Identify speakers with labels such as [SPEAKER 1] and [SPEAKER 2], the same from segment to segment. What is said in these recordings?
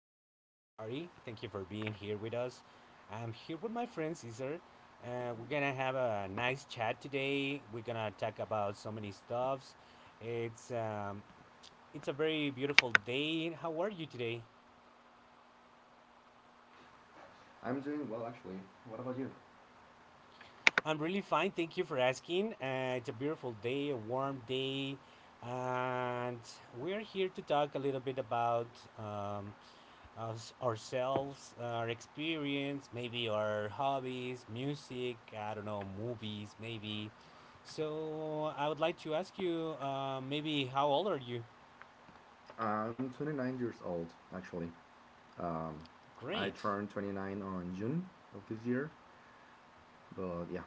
[SPEAKER 1] afternoon, everybody. Thank you for being here with us. I'm here with my friend Cesar. We're gonna have a nice chat today. We're gonna talk about so many stuffs. It's um, it's a very beautiful day. How are you today?
[SPEAKER 2] I'm doing well, actually. What about you?
[SPEAKER 1] I'm really fine. Thank you for asking. It's a beautiful day, a warm day, and we're here to talk a little bit about um, us, ourselves, our experience, maybe our hobbies, music, I don't know, movies, maybe. So I would like to ask you, maybe how old are you?
[SPEAKER 2] I'm 29 years old, actually. I
[SPEAKER 1] Great,
[SPEAKER 2] turned 29 on June of this year, but yeah.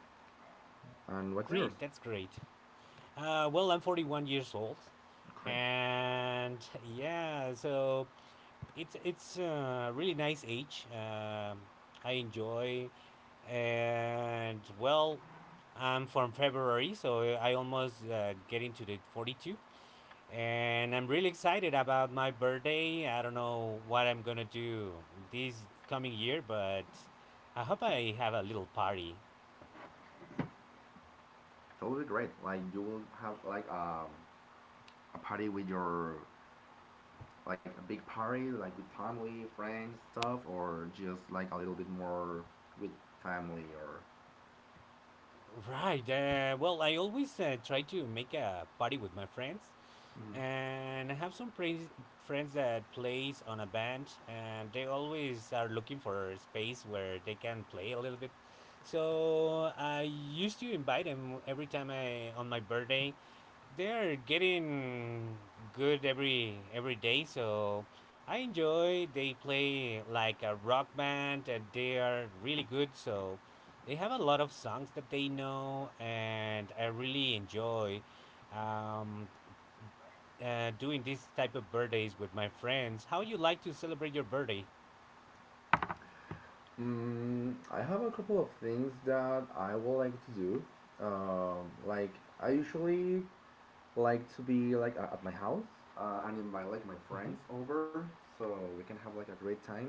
[SPEAKER 2] And what's yours?
[SPEAKER 1] that's great. Well, I'm 41 years old,
[SPEAKER 2] Okay.
[SPEAKER 1] and yeah, so it's a really nice age. I enjoy, and well, I'm from February, so I almost get into the 42, and I'm really excited about my birthday. I don't know what I'm gonna do this coming year, but I hope I have a little party.
[SPEAKER 2] That will be great. Like you will have like a party with your like a big party, like with family, friends, stuff, or just like a little bit more with family or.
[SPEAKER 1] Right. Well, I always try to make a party with my friends. And I have some praise, friends that plays on a band, and they always are looking for a space where they can play a little bit. So I used to invite them every time I on my birthday. They're getting good every day, so I enjoy. They play like a rock band, and they are really good. So they have a lot of songs that they know, and I really enjoy. Um, Doing these type of birthdays with my friends. How you like to celebrate your birthday?
[SPEAKER 2] Mm, I have a couple of things that I would like to do. Like I usually like to be like at my house and invite like my
[SPEAKER 1] Mhm.
[SPEAKER 2] friends over so we can have like a great time.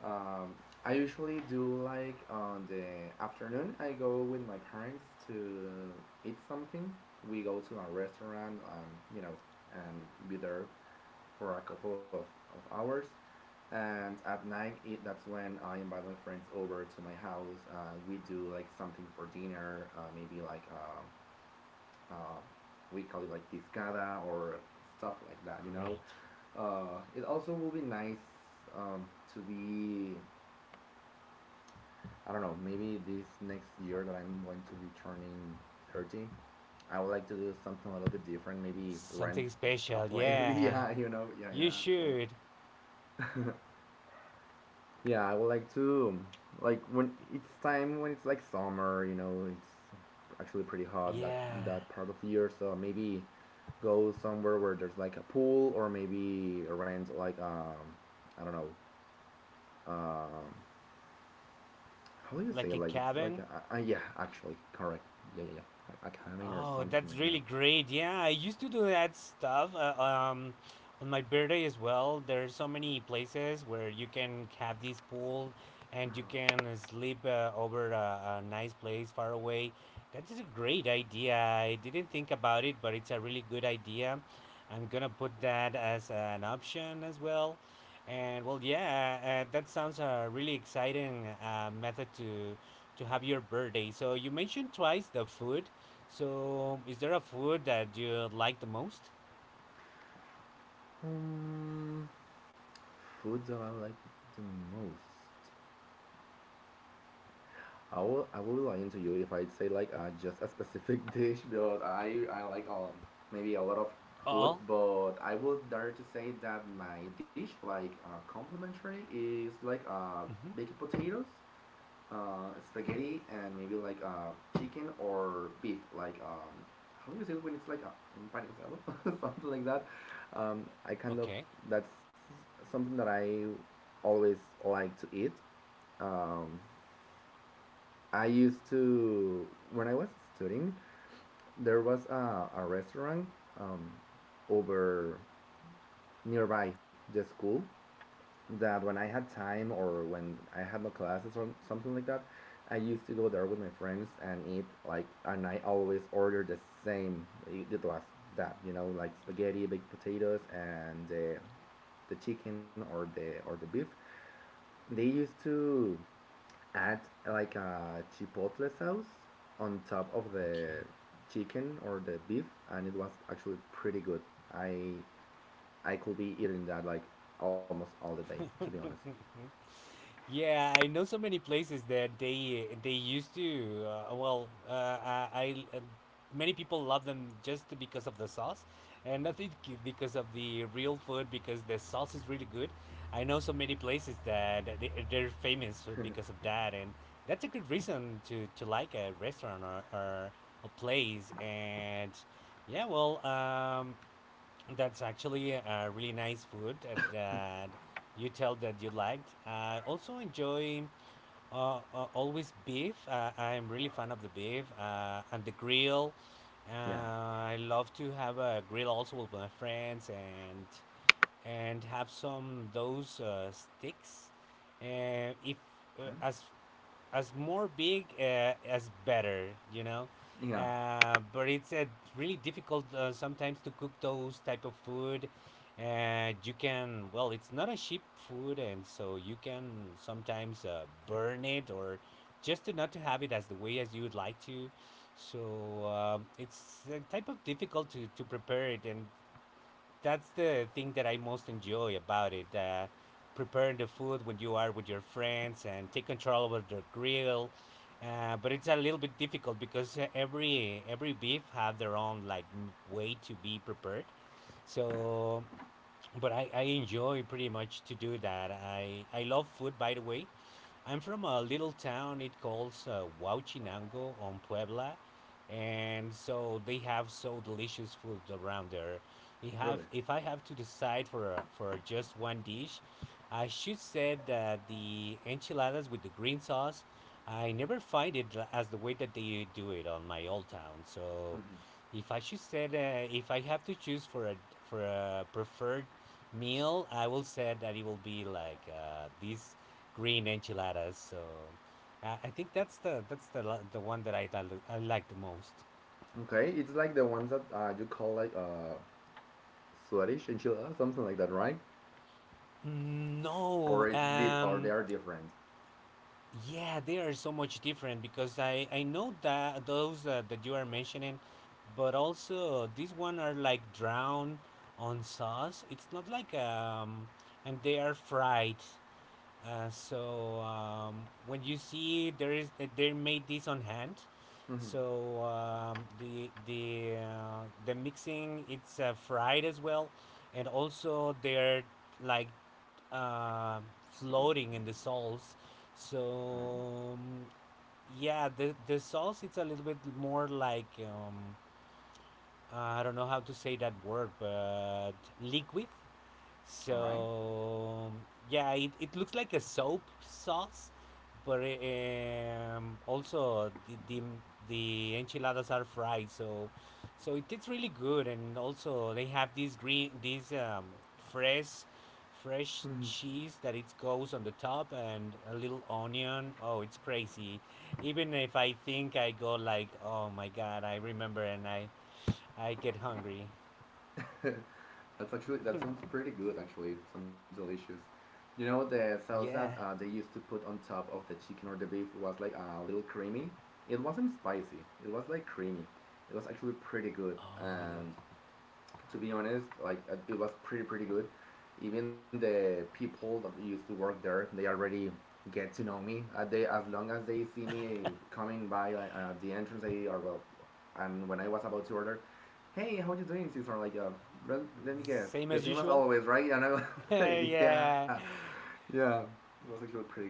[SPEAKER 2] Um, I usually do like on the afternoon. I go with my parents to eat something. We go to a restaurant, you know, and be there for a couple of hours. And at night, that's when I invite my friends over to my house. We do like something for dinner, maybe like um, we call it like discada or stuff like that, you know.
[SPEAKER 1] Great.
[SPEAKER 2] It also will be nice um, to be, I don't know, maybe this next year that I'm going to be turning 30, I would like to do something a little bit different, maybe rent
[SPEAKER 1] Something
[SPEAKER 2] a
[SPEAKER 1] special,
[SPEAKER 2] place.
[SPEAKER 1] yeah.
[SPEAKER 2] Yeah, you know, yeah, yeah,
[SPEAKER 1] You
[SPEAKER 2] actually.
[SPEAKER 1] should.
[SPEAKER 2] Yeah, I would like to like when it's time when it's like summer, you know, it's actually pretty hot that
[SPEAKER 1] Yeah.
[SPEAKER 2] that part of the year. So maybe go somewhere where there's like a pool or maybe rent like I don't know um how do you say
[SPEAKER 1] Like
[SPEAKER 2] it?
[SPEAKER 1] a
[SPEAKER 2] Like it's like
[SPEAKER 1] cabin.
[SPEAKER 2] a, yeah actually correct yeah yeah yeah a cabin or
[SPEAKER 1] Oh,
[SPEAKER 2] something
[SPEAKER 1] that's
[SPEAKER 2] like
[SPEAKER 1] really
[SPEAKER 2] that.
[SPEAKER 1] great. Yeah, I used to do that stuff. On my birthday as well, there are so many places where you can have this pool and you can sleep over a nice place far away. That is a great idea. I didn't think about it, but it's a really good idea. I'm gonna put that as an option as well. And well, yeah, that sounds a really exciting method to have your birthday. So you mentioned twice the food. So, is there a food that you like the most?
[SPEAKER 2] Um, food that I like the most. I will be lying to you if I say like just a specific dish but I like maybe a lot of food,
[SPEAKER 1] Oh,
[SPEAKER 2] but I will dare to say that my dish like complimentary is like
[SPEAKER 1] hmm,
[SPEAKER 2] baked potatoes, spaghetti, and maybe like chicken or beef like how do you say it when it's like empanizado something like that. I kind of
[SPEAKER 1] okay,
[SPEAKER 2] that's something that I always like to eat. Um, I used to when I was studying, there was a restaurant um, over nearby the school that when I had time or when I had no classes or something like that, I used to go there with my friends and eat like and I always order the same. It was that you know like spaghetti, baked potatoes, and the chicken or the beef they used to add like a chipotle sauce on top of
[SPEAKER 1] okay.
[SPEAKER 2] the chicken or the beef, and it was actually pretty good. I I could be eating that like almost all the day, to be honest.
[SPEAKER 1] Yeah, I know so many places that they used to. Well, I, I Many people love them just because of the sauce, and not think because of the real food because the sauce is really good. I know so many places that they, they're famous because of that, and that's a good reason to like a restaurant or a place and. Yeah, well, um, That's actually a really nice food that you tell that you liked. I also enjoy always beef. I'm really fan of the beef and the grill.
[SPEAKER 2] Yeah.
[SPEAKER 1] I love to have a grill also with my friends and have some those sticks. And if
[SPEAKER 2] Okay.
[SPEAKER 1] as as more big as better, you know,
[SPEAKER 2] Yeah.
[SPEAKER 1] but it's really difficult sometimes to cook those type of food. And you can well, it's not a cheap food, and so you can sometimes burn it or just to not to have it as the way as you would like to. So it's a type of difficult to prepare it, and that's the thing that I most enjoy about it. Preparing the food when you are with your friends and take control over the grill. But it's a little bit difficult because every beef have their own like m- way to be prepared. So but I enjoy pretty much to do that. I love food, by the way. I'm from a little town. It calls Huachinango on Puebla, and so they have so delicious food around there. If have
[SPEAKER 2] Really.
[SPEAKER 1] if I have to decide for a, for just one dish, I should say that the enchiladas with the green sauce. I never find it l- as the way that they do it on my old town. So if I should say that if I have to choose for a preferred meal, I will say that it will be like these green enchiladas. So I think that's the lo- the one that I like the most.
[SPEAKER 2] Okay, it's like the ones that you call like Swedish enchilada, something like that, right?
[SPEAKER 1] Mm,
[SPEAKER 2] Or
[SPEAKER 1] no,
[SPEAKER 2] or they are different.
[SPEAKER 1] yeah, they are so much different because I know that those that you are mentioning, but also these one are like drowned on sauce. It's not like and they are fried. When you see there is that they made this on hand,
[SPEAKER 2] Mm-hmm.
[SPEAKER 1] so the mixing it's fried as well, and also they're like uh, floating in the sauce.
[SPEAKER 2] Okay.
[SPEAKER 1] So um, yeah, the sauce it's a little bit more like I don't know how to say that word, but liquid
[SPEAKER 2] All right.
[SPEAKER 1] so yeah, it looks like a soap sauce, but also the enchiladas are fried, so so it tastes really good. And also they have this green this fresh fresh cheese that it goes on the top and a little onion. Oh, it's crazy. Even if I think I go like, oh my god, I remember and I get hungry.
[SPEAKER 2] Hmm. That's actually that sounds pretty good. Actually, sounds delicious. You know, the sauce that
[SPEAKER 1] Yeah.
[SPEAKER 2] they used to put on top of the chicken or the beef was like a little creamy. It wasn't spicy. It was like creamy. It was actually pretty good,
[SPEAKER 1] Oh yeah.
[SPEAKER 2] and to be honest, like it was pretty good. Even the people that used to work there, they already get to know me. They as long as they see me coming by like the entrance, they are well. And when I was about to order, hey, how are you doing, Cesar? Like, let me guess,
[SPEAKER 1] Same
[SPEAKER 2] the
[SPEAKER 1] as
[SPEAKER 2] same as
[SPEAKER 1] usual.
[SPEAKER 2] always, right? And I was yeah,
[SPEAKER 1] Yeah,
[SPEAKER 2] yeah, it was actually pretty good.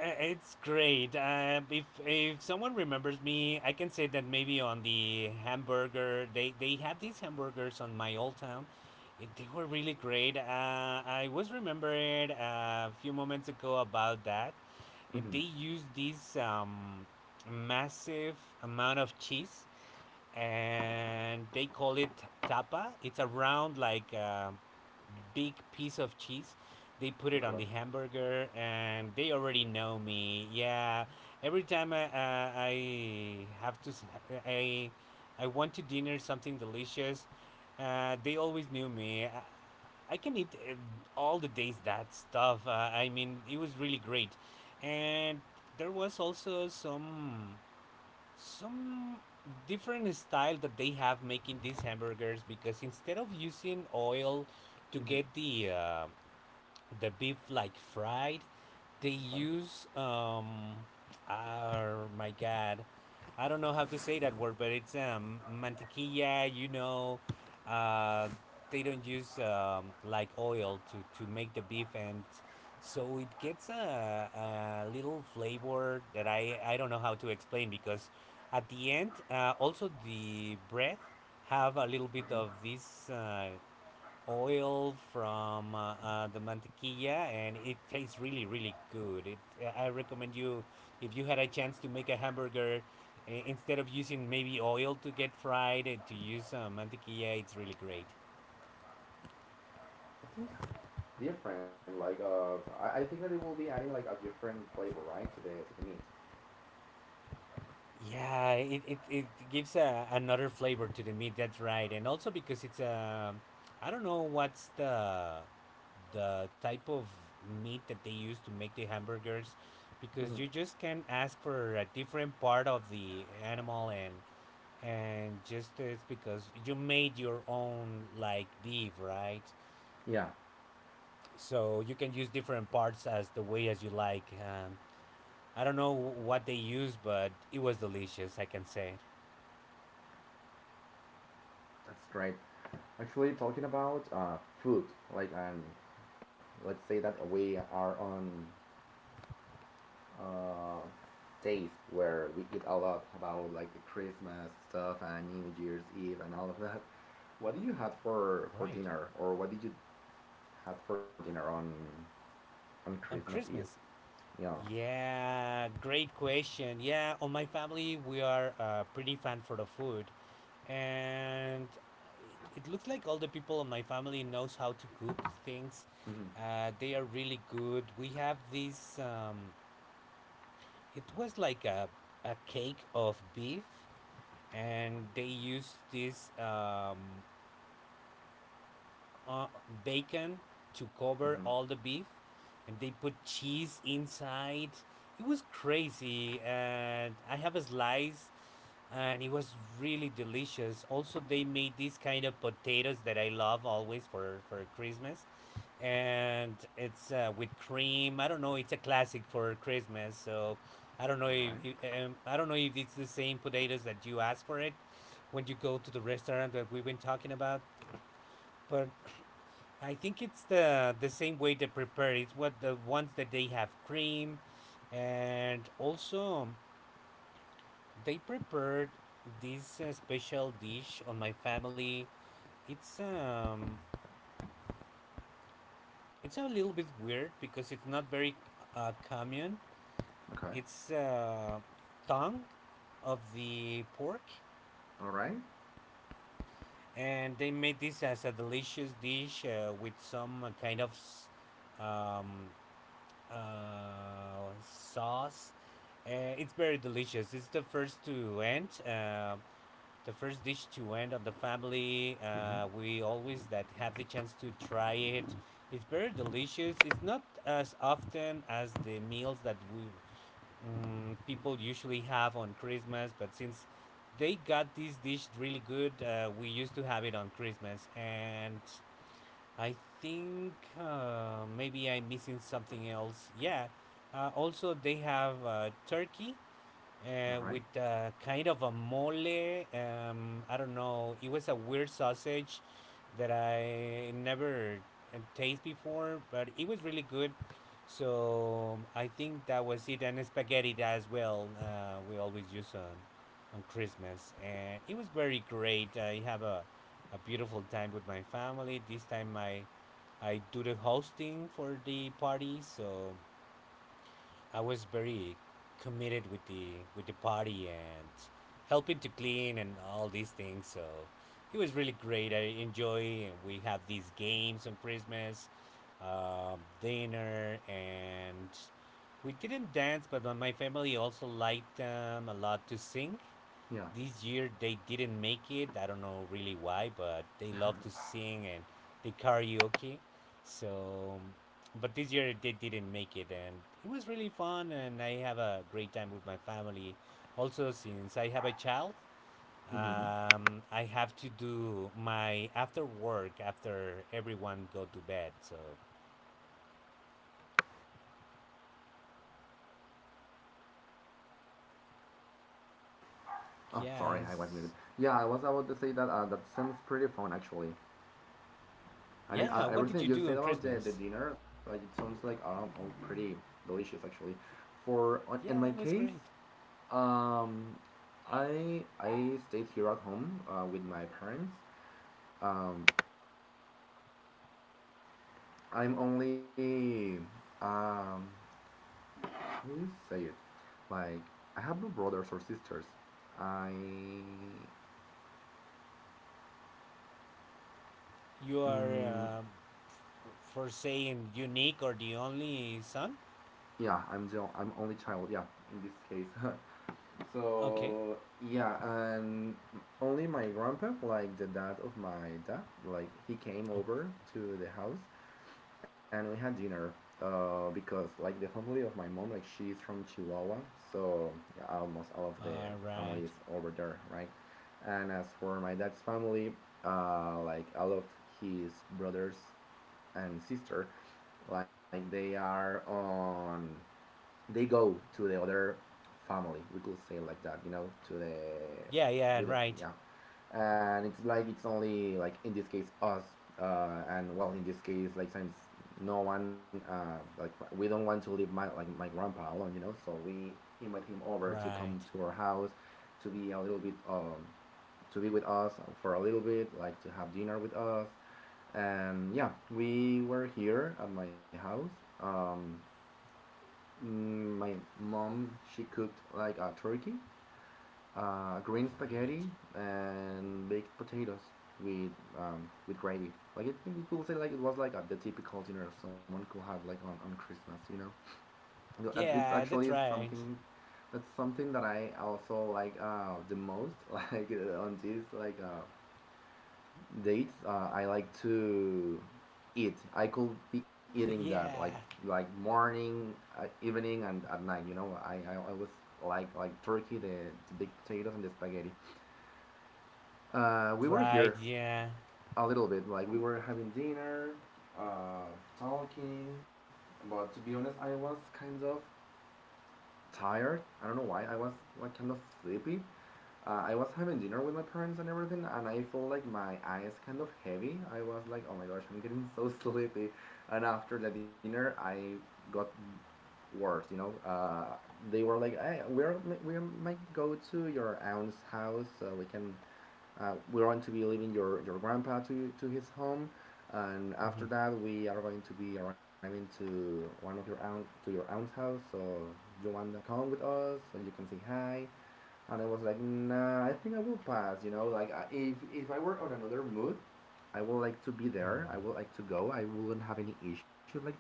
[SPEAKER 1] it's great. If someone remembers me, I can say that maybe on the hamburger they had these hamburgers on my old town. It, they were really great. I was remembered a few moments ago about that. They
[SPEAKER 2] Mm-hmm.
[SPEAKER 1] used this massive amount of cheese, and they call it tapa. It's around like. Big piece of cheese. They put it
[SPEAKER 2] Okay.
[SPEAKER 1] on the hamburger, and they already know me. Yeah, every time I have to, s- I, I want to dinner something delicious. They always knew me. I can eat all the days that stuff. I mean, it was really great, and there was also some different style that they have making these hamburgers because instead of using oil to get
[SPEAKER 2] Okay.
[SPEAKER 1] the beef like fried. They
[SPEAKER 2] Okay.
[SPEAKER 1] use oh my god, I don't know how to say that word, but it's mantequilla. You know, uh, they don't use like oil to make the beef, and so it gets a little flavor that I don't know how to explain because at the end, also the bread have a little bit of
[SPEAKER 2] Mm-hmm.
[SPEAKER 1] this oil from the mantequilla and it tastes really really good it, I recommend you if you had a chance to make a hamburger I- instead of using maybe oil to get fried and to use mantequilla it's really great.
[SPEAKER 2] I think it's different. Like I think that it will be adding like a different flavor, right, to the meat.
[SPEAKER 1] Yeah, it gives a, another flavor to the meat. That's right, and also because it's a, I don't know what's the type of meat that they use to make the hamburgers, because
[SPEAKER 2] Mm-hmm.
[SPEAKER 1] you just can ask for a different part of the animal and just it's because you made your own like beef, right?
[SPEAKER 2] Yeah,
[SPEAKER 1] So you can use different parts as the way as you like. I don't know what they use, but it was delicious. I can say.
[SPEAKER 2] that's great. Actually, talking about food, like and let's say that we are on uh, days where we eat a lot about like the Christmas stuff and New Year's Eve and all of that. What do you have for
[SPEAKER 1] Right.
[SPEAKER 2] dinner, or what did you have for dinner on
[SPEAKER 1] On
[SPEAKER 2] Christmas Eve?
[SPEAKER 1] Christmas?
[SPEAKER 2] Yeah.
[SPEAKER 1] Yeah, great question. Yeah, on my family, we are pretty fan for the food, and it looks like all the people in my family knows how to cook things.
[SPEAKER 2] Mm-hmm.
[SPEAKER 1] They are really good. We have this. It was like a cake of beef, and they used this uh, bacon to
[SPEAKER 2] Mm-hmm.
[SPEAKER 1] cover all the beef, and they put cheese inside. It was crazy, and I have a slice, and it was really delicious. Also, they made these kind of potatoes that I love always for Christmas, and it's with cream. I don't know. It's a classic for Christmas, so I don't know
[SPEAKER 2] All
[SPEAKER 1] if
[SPEAKER 2] right.
[SPEAKER 1] I don't know if it's the same potatoes that you asked for it when you go to the restaurant that we've been talking about. But I think it's the same way they prepare it. What the ones that they have cream, and also they prepared this special dish on my family. It's it's a little bit weird because it's not very common.
[SPEAKER 2] Okay.
[SPEAKER 1] It's tongue of the pork,
[SPEAKER 2] All right.
[SPEAKER 1] and they made this as a delicious dish with some kind of um, sauce. Uh, it's very delicious. It's the first to end, the first dish to end on the family.
[SPEAKER 2] Mm-hmm.
[SPEAKER 1] We always that have the chance to try it. It's very delicious. It's not as often as the meals that we people usually have on Christmas, but since they got this dish really good, we used to have it on Christmas and I think maybe I'm missing something else. Yeah. Also, they have turkey
[SPEAKER 2] All right.
[SPEAKER 1] with kind of a mole. I don't know. It was a weird sausage that I never taste before, but it was really good. So I think that was it, and spaghetti as well. We always use on Christmas, and it was very great. I have a beautiful time with my family. This time I do the hosting for the party, so I was very committed with the party and helping to clean and all these things. So it was really great. I enjoy. And we have these games on Christmas, dinner, and we didn't dance, but my family also liked a lot to sing.
[SPEAKER 2] Yeah.
[SPEAKER 1] This year they didn't make it. I don't know really why, but they love to sing and they karaoke. So but this year they didn't make it, and it was really fun, and I have a great time with my family. Also, since I have a child,
[SPEAKER 2] Mm-hmm.
[SPEAKER 1] I have to do my after work after everyone go to bed. So,
[SPEAKER 2] Oh, sorry, I was
[SPEAKER 1] yes,
[SPEAKER 2] muted. Yeah, I was about to say that. That sounds pretty fun, actually. And
[SPEAKER 1] yeah. What did you
[SPEAKER 2] everything you
[SPEAKER 1] do
[SPEAKER 2] said
[SPEAKER 1] on
[SPEAKER 2] about the
[SPEAKER 1] Christmas?
[SPEAKER 2] dinner, like it sounds like all pretty delicious, actually. For in my
[SPEAKER 1] Yeah, it was
[SPEAKER 2] case,
[SPEAKER 1] great.
[SPEAKER 2] um, I stayed here at home with my parents. Um, I'm only um, how do you say it? Like I have no brothers or sisters. I
[SPEAKER 1] You
[SPEAKER 2] mm,
[SPEAKER 1] are for saying unique or the only son.
[SPEAKER 2] yeah, I'm only child, yeah, in this case.
[SPEAKER 1] Okay.
[SPEAKER 2] So yeah. And only my grandpa, like the dad of my dad, like he came
[SPEAKER 1] Oh,
[SPEAKER 2] over to the house and we had dinner because like the family of my mom, like she's from Chihuahua. So yeah, almost all of the
[SPEAKER 1] all
[SPEAKER 2] family
[SPEAKER 1] right.
[SPEAKER 2] is over there, right. And as for my dad's family, like all of his brothers and sister, like they are on they go to the other family. We could say like that, you know, to the
[SPEAKER 1] Yeah, yeah,
[SPEAKER 2] with
[SPEAKER 1] right,
[SPEAKER 2] yeah. And it's like it's only like in this case us, and well in this case like since no one like we don't want to leave my like my grandpa alone, you know. So we invite him over to
[SPEAKER 1] right,
[SPEAKER 2] come to our house, to be a little bit to be with us for a little bit, like to have dinner with us. And yeah, we were here at my house. Um, my mom she cooked like a turkey, green
[SPEAKER 1] great.
[SPEAKER 2] spaghetti, and baked potatoes with with gravy. Like I think we could say like it was like the typical dinner someone could have like on Christmas, you know. It's
[SPEAKER 1] Yeah,
[SPEAKER 2] actually
[SPEAKER 1] that's right.
[SPEAKER 2] something that's something that I also like the most like on this like dates, I like to eat. I could be eating that
[SPEAKER 1] yeah.
[SPEAKER 2] like morning, evening, and at night. You know, I always like turkey, the big potatoes, and the spaghetti. We were
[SPEAKER 1] Right,
[SPEAKER 2] here
[SPEAKER 1] yeah.
[SPEAKER 2] a little bit. Like we were having dinner, uh, talking. But to be honest, I was kind of tired. I don't know why. I was like kind of sleepy. I was having dinner with my parents and everything, and I felt like my eyes kind of heavy. I was like, oh my gosh, I'm getting so sleepy. And after the dinner, I got worse. You know, they were like, "Hey, we might go to your aunt's house. We're going to be leaving your grandpa to his home, and after
[SPEAKER 1] Mhm.
[SPEAKER 2] that we are going to be arriving to one of your aunt to your aunt's house. So you want to come with us so you can say hi." And I was like, "Nah, I think I will pass." You know, like if I were on another mood. I would like to be there. I would like to go. I wouldn't have any issue like that,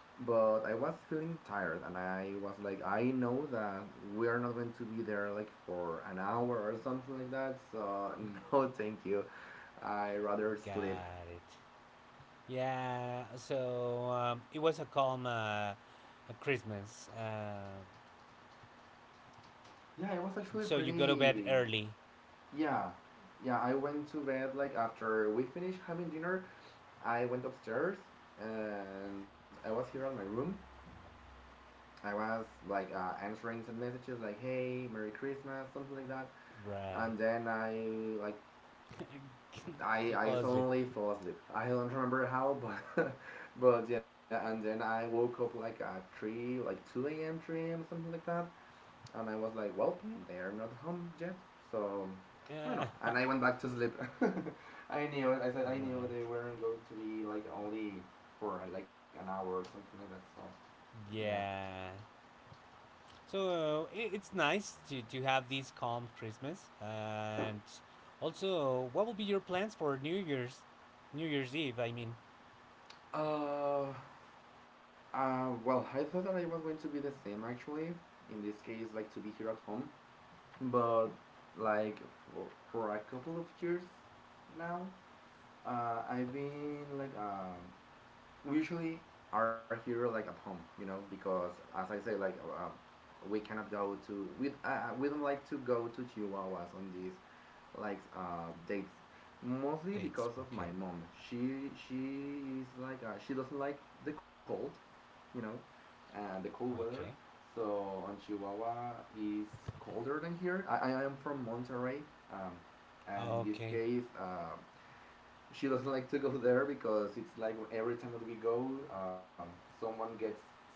[SPEAKER 2] but I was feeling tired, and I was like, I know that we are not going to be there like for an hour or something like that, so no, thank you. I rather sleep.
[SPEAKER 1] Got it. Yeah, so it was a calm a Christmas.
[SPEAKER 2] Yeah, it was actually
[SPEAKER 1] So you go to bed
[SPEAKER 2] pretty.
[SPEAKER 1] early.
[SPEAKER 2] Yeah, yeah. I went to bed like after we finished having dinner. I went upstairs and I was here on my room. I was like answering some messages like, "Hey, Merry Christmas," something like that.
[SPEAKER 1] Right.
[SPEAKER 2] And then I
[SPEAKER 1] You
[SPEAKER 2] I
[SPEAKER 1] fall asleep.
[SPEAKER 2] suddenly fell asleep. I don't remember how, but but yeah, and then I woke up like at three, like two a.m., three a.m. something like that, and I was like, well, they're not home yet, so I don't know.
[SPEAKER 1] Yeah.
[SPEAKER 2] And I went back to sleep. I knew it. I said I knew
[SPEAKER 1] Right.
[SPEAKER 2] they weren't going to be like only for like an hour or something like that. So yeah.
[SPEAKER 1] Yeah. So it's nice to have this calm Christmas. And also, what will be your plans for New Year's? New Year's Eve, I mean.
[SPEAKER 2] Uh. Well, I thought that I was going to be the same actually. In this case, like to be here at home, but like for, for a couple of years now, I've been like we usually are here like at home, you know, because as I say, like we don't like to go to Chihuahuas on these like dates, mostly
[SPEAKER 1] Dates.
[SPEAKER 2] because of
[SPEAKER 1] Okay.
[SPEAKER 2] my mom. She is like she doesn't like the cold, you know, and the cold weather.
[SPEAKER 1] Okay.
[SPEAKER 2] So on Chihuahua is colder than here. I am from Monterrey, um, and in this
[SPEAKER 1] Okay.
[SPEAKER 2] case, she doesn't like to go there because it's like every time that we go, someone gets sick,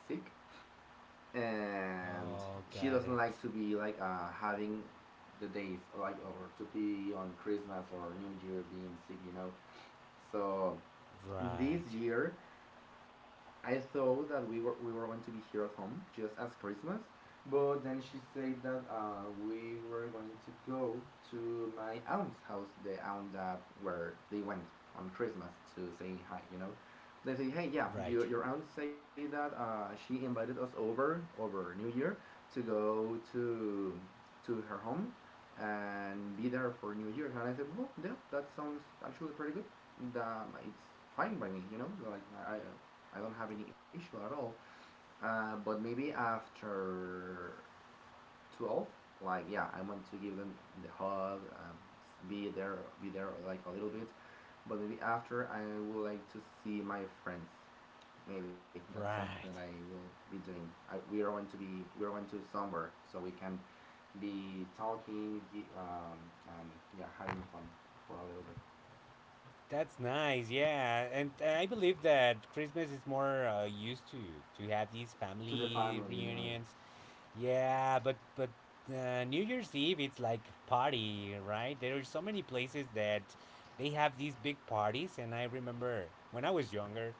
[SPEAKER 2] and
[SPEAKER 1] Oh,
[SPEAKER 2] she
[SPEAKER 1] got
[SPEAKER 2] doesn't
[SPEAKER 1] it.
[SPEAKER 2] like to be like having the days like or to be on Christmas or New Year being sick. So this
[SPEAKER 1] Right.
[SPEAKER 2] year I thought that we were going to be here at home just as Christmas, but then she said that we were going to go to my aunt's house, the aunt that where they went on Christmas to say hi. You know, they say, hey, yeah,
[SPEAKER 1] Right.
[SPEAKER 2] your aunt say that she invited us over over New Year to go to her home and be there for New Year. And I said, well, yeah, that sounds actually pretty good. That it's fine by me, you know. Like I don't have any issue at all. But maybe after 12, like yeah, I want to give them the hug, be there like a little bit. But maybe after, I would like to see my friends. Maybe that's something that I
[SPEAKER 1] Right.
[SPEAKER 2] will be doing. We are going to be we are going to somewhere so we can be talking and yeah, having fun for a little bit
[SPEAKER 1] That's nice. Yeah, and I believe that Christmas is more used to have these
[SPEAKER 2] to the family,
[SPEAKER 1] family
[SPEAKER 2] you know.
[SPEAKER 1] reunions. Yeah, but New Year's Eve it's like party, right? There are so many places that they have these big parties, and I remember when I was younger,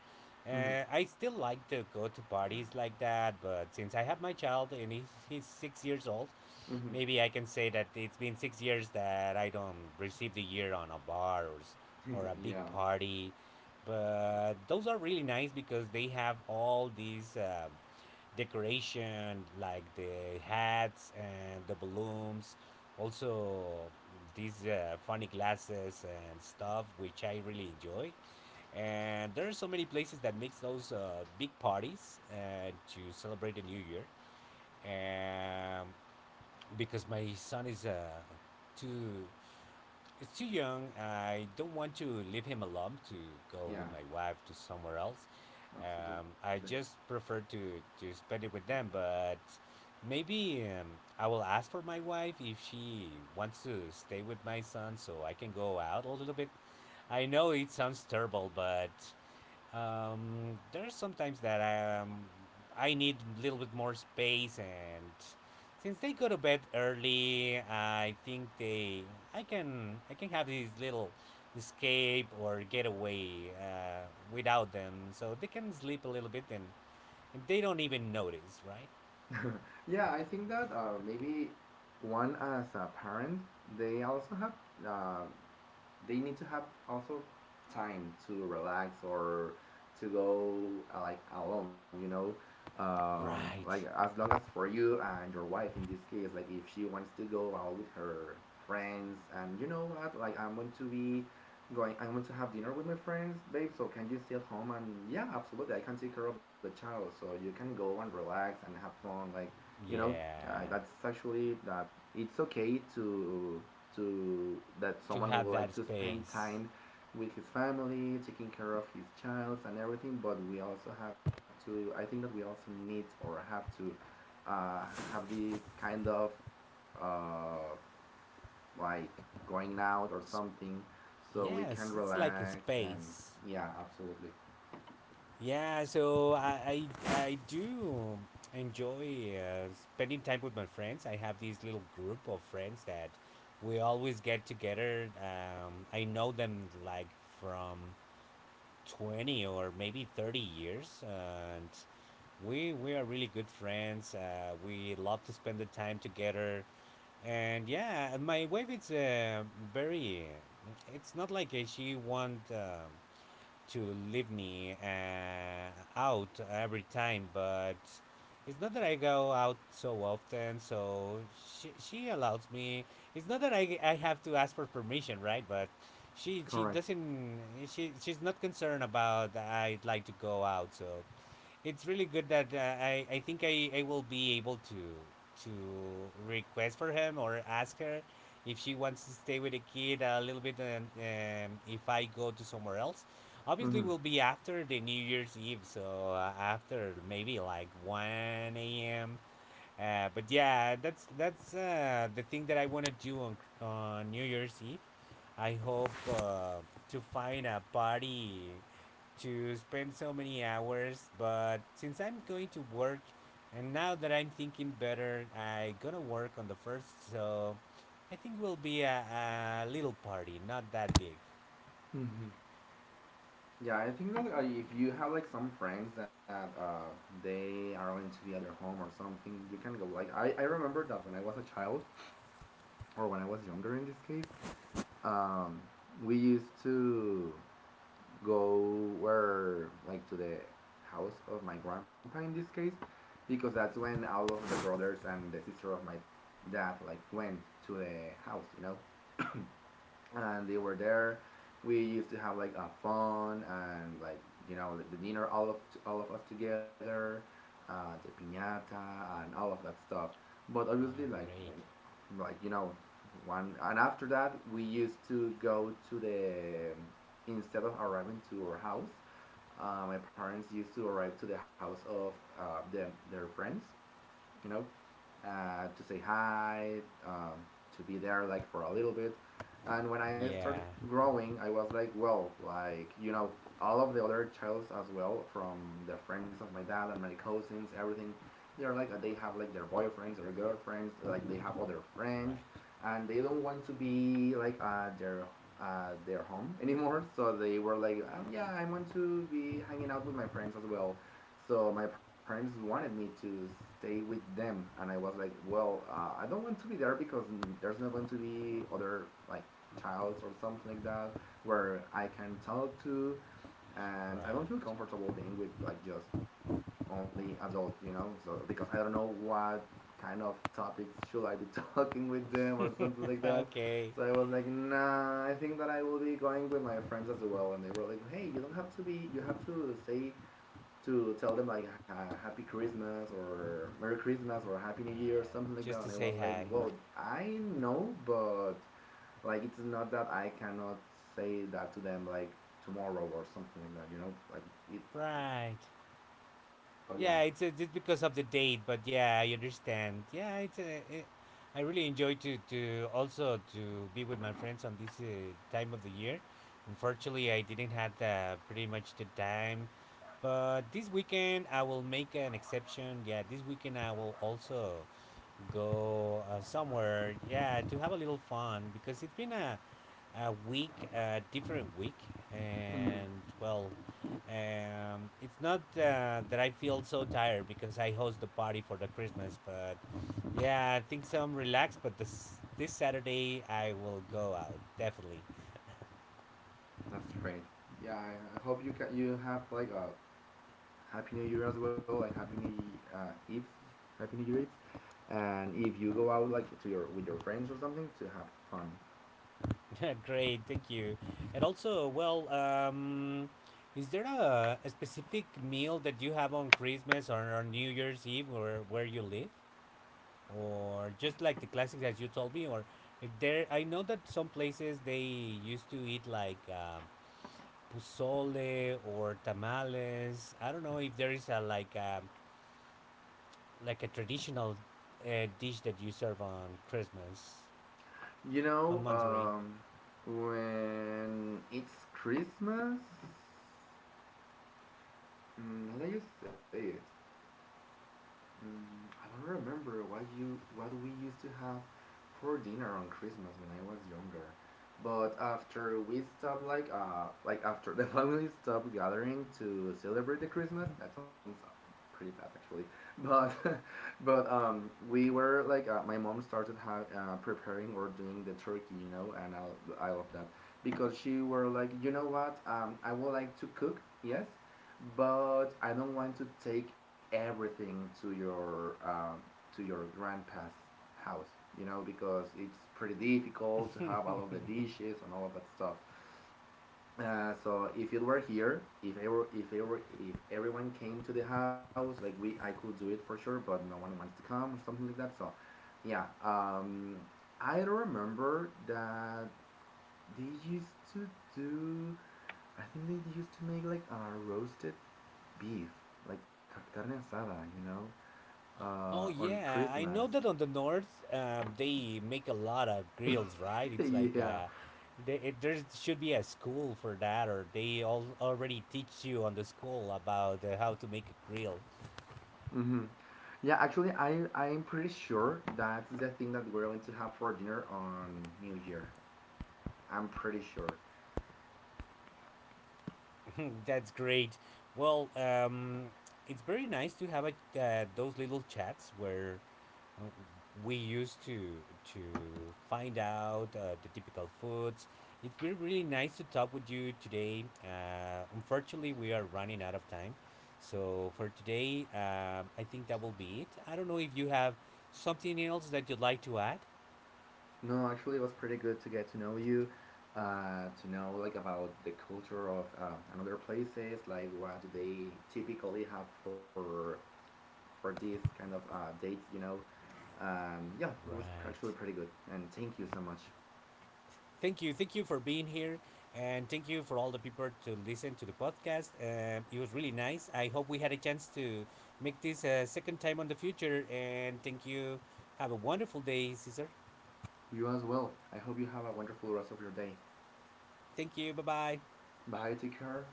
[SPEAKER 1] I still like to go to parties like that. But since I have my child and he's 6 years old,
[SPEAKER 2] Mhm.
[SPEAKER 1] maybe I can say that it's been 6 years that I don't receive the year on a bar
[SPEAKER 2] Mhm.
[SPEAKER 1] or a big
[SPEAKER 2] Yeah.
[SPEAKER 1] party. But those are really nice because they have all these. Decoration like the hats and the balloons also these funny glasses and stuff which I really enjoy, and there are so many places that makes those big parties to celebrate the new year, um, because my son is too he's too young. I don't want to leave him alone to go
[SPEAKER 2] Yeah.
[SPEAKER 1] with my wife to somewhere else.
[SPEAKER 2] Absolutely.
[SPEAKER 1] I just prefer to spend it with them, but maybe I will ask for my wife if she wants to stay with my son so I can go out a little bit. I know it sounds terrible, but there's sometimes that I need a little bit more space, and since they go to bed early, I think they I can have this little escape or getaway without them, so they can sleep a little bit and they don't even notice, right?
[SPEAKER 2] Yeah, I think that maybe one as a parent, they also have uh, they need to have also time to relax or to go like alone, you know, like
[SPEAKER 1] Right.
[SPEAKER 2] as long as for you and your wife in this case, like if she wants to go out with her friends. And you know what, like I want to be going, I want to have dinner with my friends, babe, so can you stay at home? And yeah, absolutely, I can take care of the child so you can go and relax and have fun. Like you know,
[SPEAKER 1] Yeah.
[SPEAKER 2] that's actually that it's okay to that
[SPEAKER 1] To
[SPEAKER 2] someone
[SPEAKER 1] have
[SPEAKER 2] would like
[SPEAKER 1] that
[SPEAKER 2] to spend
[SPEAKER 1] space.
[SPEAKER 2] time with his family, taking care of his child and everything. But we also have to. I think that we also need or have to uh, have this kind of uh, like going out or
[SPEAKER 1] S-
[SPEAKER 2] something, so we can
[SPEAKER 1] Yes, it's like a
[SPEAKER 2] relax and
[SPEAKER 1] space.
[SPEAKER 2] yeah, absolutely.
[SPEAKER 1] Yeah, so I do enjoy spending time with my friends. I have this little group of friends that we always get together. I know them like from 20 or maybe 30 years, and we are really good friends. We love to spend the time together, and yeah, my wife is very. It's not like she want. To leave me out every time, but it's not that I go out so often, so she allows me. It's not that I have to ask for permission, right? But she
[SPEAKER 2] Correct.
[SPEAKER 1] doesn't she's not concerned about I'd like to go out, so it's really good that I think I will be able to request for him or ask her if she wants to stay with the kid a little bit and if I go to somewhere else. Obviously,
[SPEAKER 2] Mm-hmm.
[SPEAKER 1] will be after the New Year's Eve, so after maybe like one a.m. But yeah, that's the thing that I want to do on New Year's Eve. I hope uh, to find a party to spend so many hours. But since I'm going to work, and now that I'm thinking better, I gonna work on the first. So I think will be a little party, not that big.
[SPEAKER 2] Mm-hmm. Yeah, I think that if you have like some friends that they are going into the other home or something, you can go. Like I remember that when I was a child, or when I was younger in this case, um, we used to go where like to the house of my grandpa in this case, because that's when all of the brothers and the sister of my dad like went to the house, you know, and they were there. We used to have like a fun and like, you know, the dinner all of us together, the piñata and all of that stuff. But obviously,
[SPEAKER 1] Oh,
[SPEAKER 2] like
[SPEAKER 1] great.
[SPEAKER 2] like you know, one, and after that we used to go to the, instead of arriving to our house, my parents used to arrive to the house of them, their friends, you know, to say hi, um, to be there like for a little bit. And when I
[SPEAKER 1] Yeah,
[SPEAKER 2] started growing, I was like, well, like you know, all of the other childs as well from the friends of my dad and my cousins, everything. They're like they have like their boyfriends, their girlfriends, like they have other friends,
[SPEAKER 1] Right.
[SPEAKER 2] and they don't want to be like their home anymore. So they were like, yeah, I want to be hanging out with my friends as well. So my parents wanted me to stay with them, and I was like, well, I don't want to be there because mm, there's not going to be other like childs or something like that where I can talk to, and
[SPEAKER 1] Right.
[SPEAKER 2] I don't feel comfortable being with like just only adults, you know. So because I don't know what kind of topics should I be talking with them or something like that.
[SPEAKER 1] Okay.
[SPEAKER 2] So I was like, nah, I think that I will be going with my friends as well. And they were like, hey, you don't have to be, you have to say to tell them like happy Christmas or Merry Christmas or Happy New
[SPEAKER 1] Uh,
[SPEAKER 2] Year or something like that.
[SPEAKER 1] just to
[SPEAKER 2] And I
[SPEAKER 1] say
[SPEAKER 2] was like,
[SPEAKER 1] hi.
[SPEAKER 2] well, I know, but like it's not that I cannot say that to them like tomorrow or something like that. You know, like it.
[SPEAKER 1] Right.
[SPEAKER 2] But yeah,
[SPEAKER 1] Yeah, it's just because of the date, but yeah, I understand. Yeah, it's I really enjoy to also to be with my friends on this time of the year. Unfortunately, I didn't have pretty much the time, but this weekend I will make an exception. Yeah, this weekend I will also go somewhere. Yeah, to have a little fun because it's been a week, a different week,
[SPEAKER 2] mm-hmm.
[SPEAKER 1] and well, it's not that I feel so tired because I host the party for the Christmas, but yeah, I think so. I'm relaxed, but this Saturday I will go out definitely.
[SPEAKER 2] That's great. Yeah, I hope you can. You have like a happy New Year as well, like happy New Eve, happy New Year Eve. And if you go out like to your with your friends or something, to have fun.
[SPEAKER 1] Great, thank you. And also, well, is there a specific meal that you have on Christmas or on New Year's Eve, or where you live, or just like the classics as you told me, or if there? I know that some places they used to eat like pozole or tamales. I don't know if there is a like a like a traditional dish that you serve on Christmas
[SPEAKER 2] You
[SPEAKER 1] on
[SPEAKER 2] know,
[SPEAKER 1] Monterey.
[SPEAKER 2] when it's Christmas, mm, how do you say it? Mm, I don't remember what you what we used to have for dinner on Christmas when I was younger, but after we stopped like after the family stopped gathering to celebrate the Christmas, that sounds pretty bad actually, but but we were like my mom started preparing or doing the turkey, you know, and I love that because she were like, you know what, um, I would like to cook, yes, but I don't want to take everything to your grandpa's house, you know, because it's pretty difficult to have all of the dishes and all of that stuff. So if it were here, if everyone came to the house, like I could do it for sure, but no one wants to come or something like that. So yeah, I don't remember that they used to do. I think they used to make like a roasted beef, like carne asada, you know,
[SPEAKER 1] Oh
[SPEAKER 2] on
[SPEAKER 1] yeah, I
[SPEAKER 2] Christmas.
[SPEAKER 1] know that on the north they make a lot of grills, right? It's like
[SPEAKER 2] Yeah.
[SPEAKER 1] there should be a school for that, or they all already teach you on the school about how to make a grill.
[SPEAKER 2] Hmm. Yeah, actually, I'm pretty sure that's the thing that we're going to have for dinner on New Year. I'm pretty sure.
[SPEAKER 1] That's great. Well, it's very nice to have a, those little chats where Uh, We used to find out the typical foods. It's been really nice to talk with you today. Unfortunately, we are running out of time, so for today, I think that will be it. I don't know if you have something else that you'd like to add.
[SPEAKER 2] No, actually, it was pretty good to get to know you, to know like about the culture of another places, like what do they typically have for these kind of dates, you know. Yeah, it was
[SPEAKER 1] Right.
[SPEAKER 2] actually pretty good, and thank you so much.
[SPEAKER 1] Thank you. Thank you for being here. And thank you for all the people to listen to the podcast. It was really nice. I hope we had a chance to make this a second time on the future. And thank you. Have a wonderful day, Caesar.
[SPEAKER 2] You as well. I hope you have a wonderful rest of your day.
[SPEAKER 1] Thank you. Bye bye.
[SPEAKER 2] Bye, take care.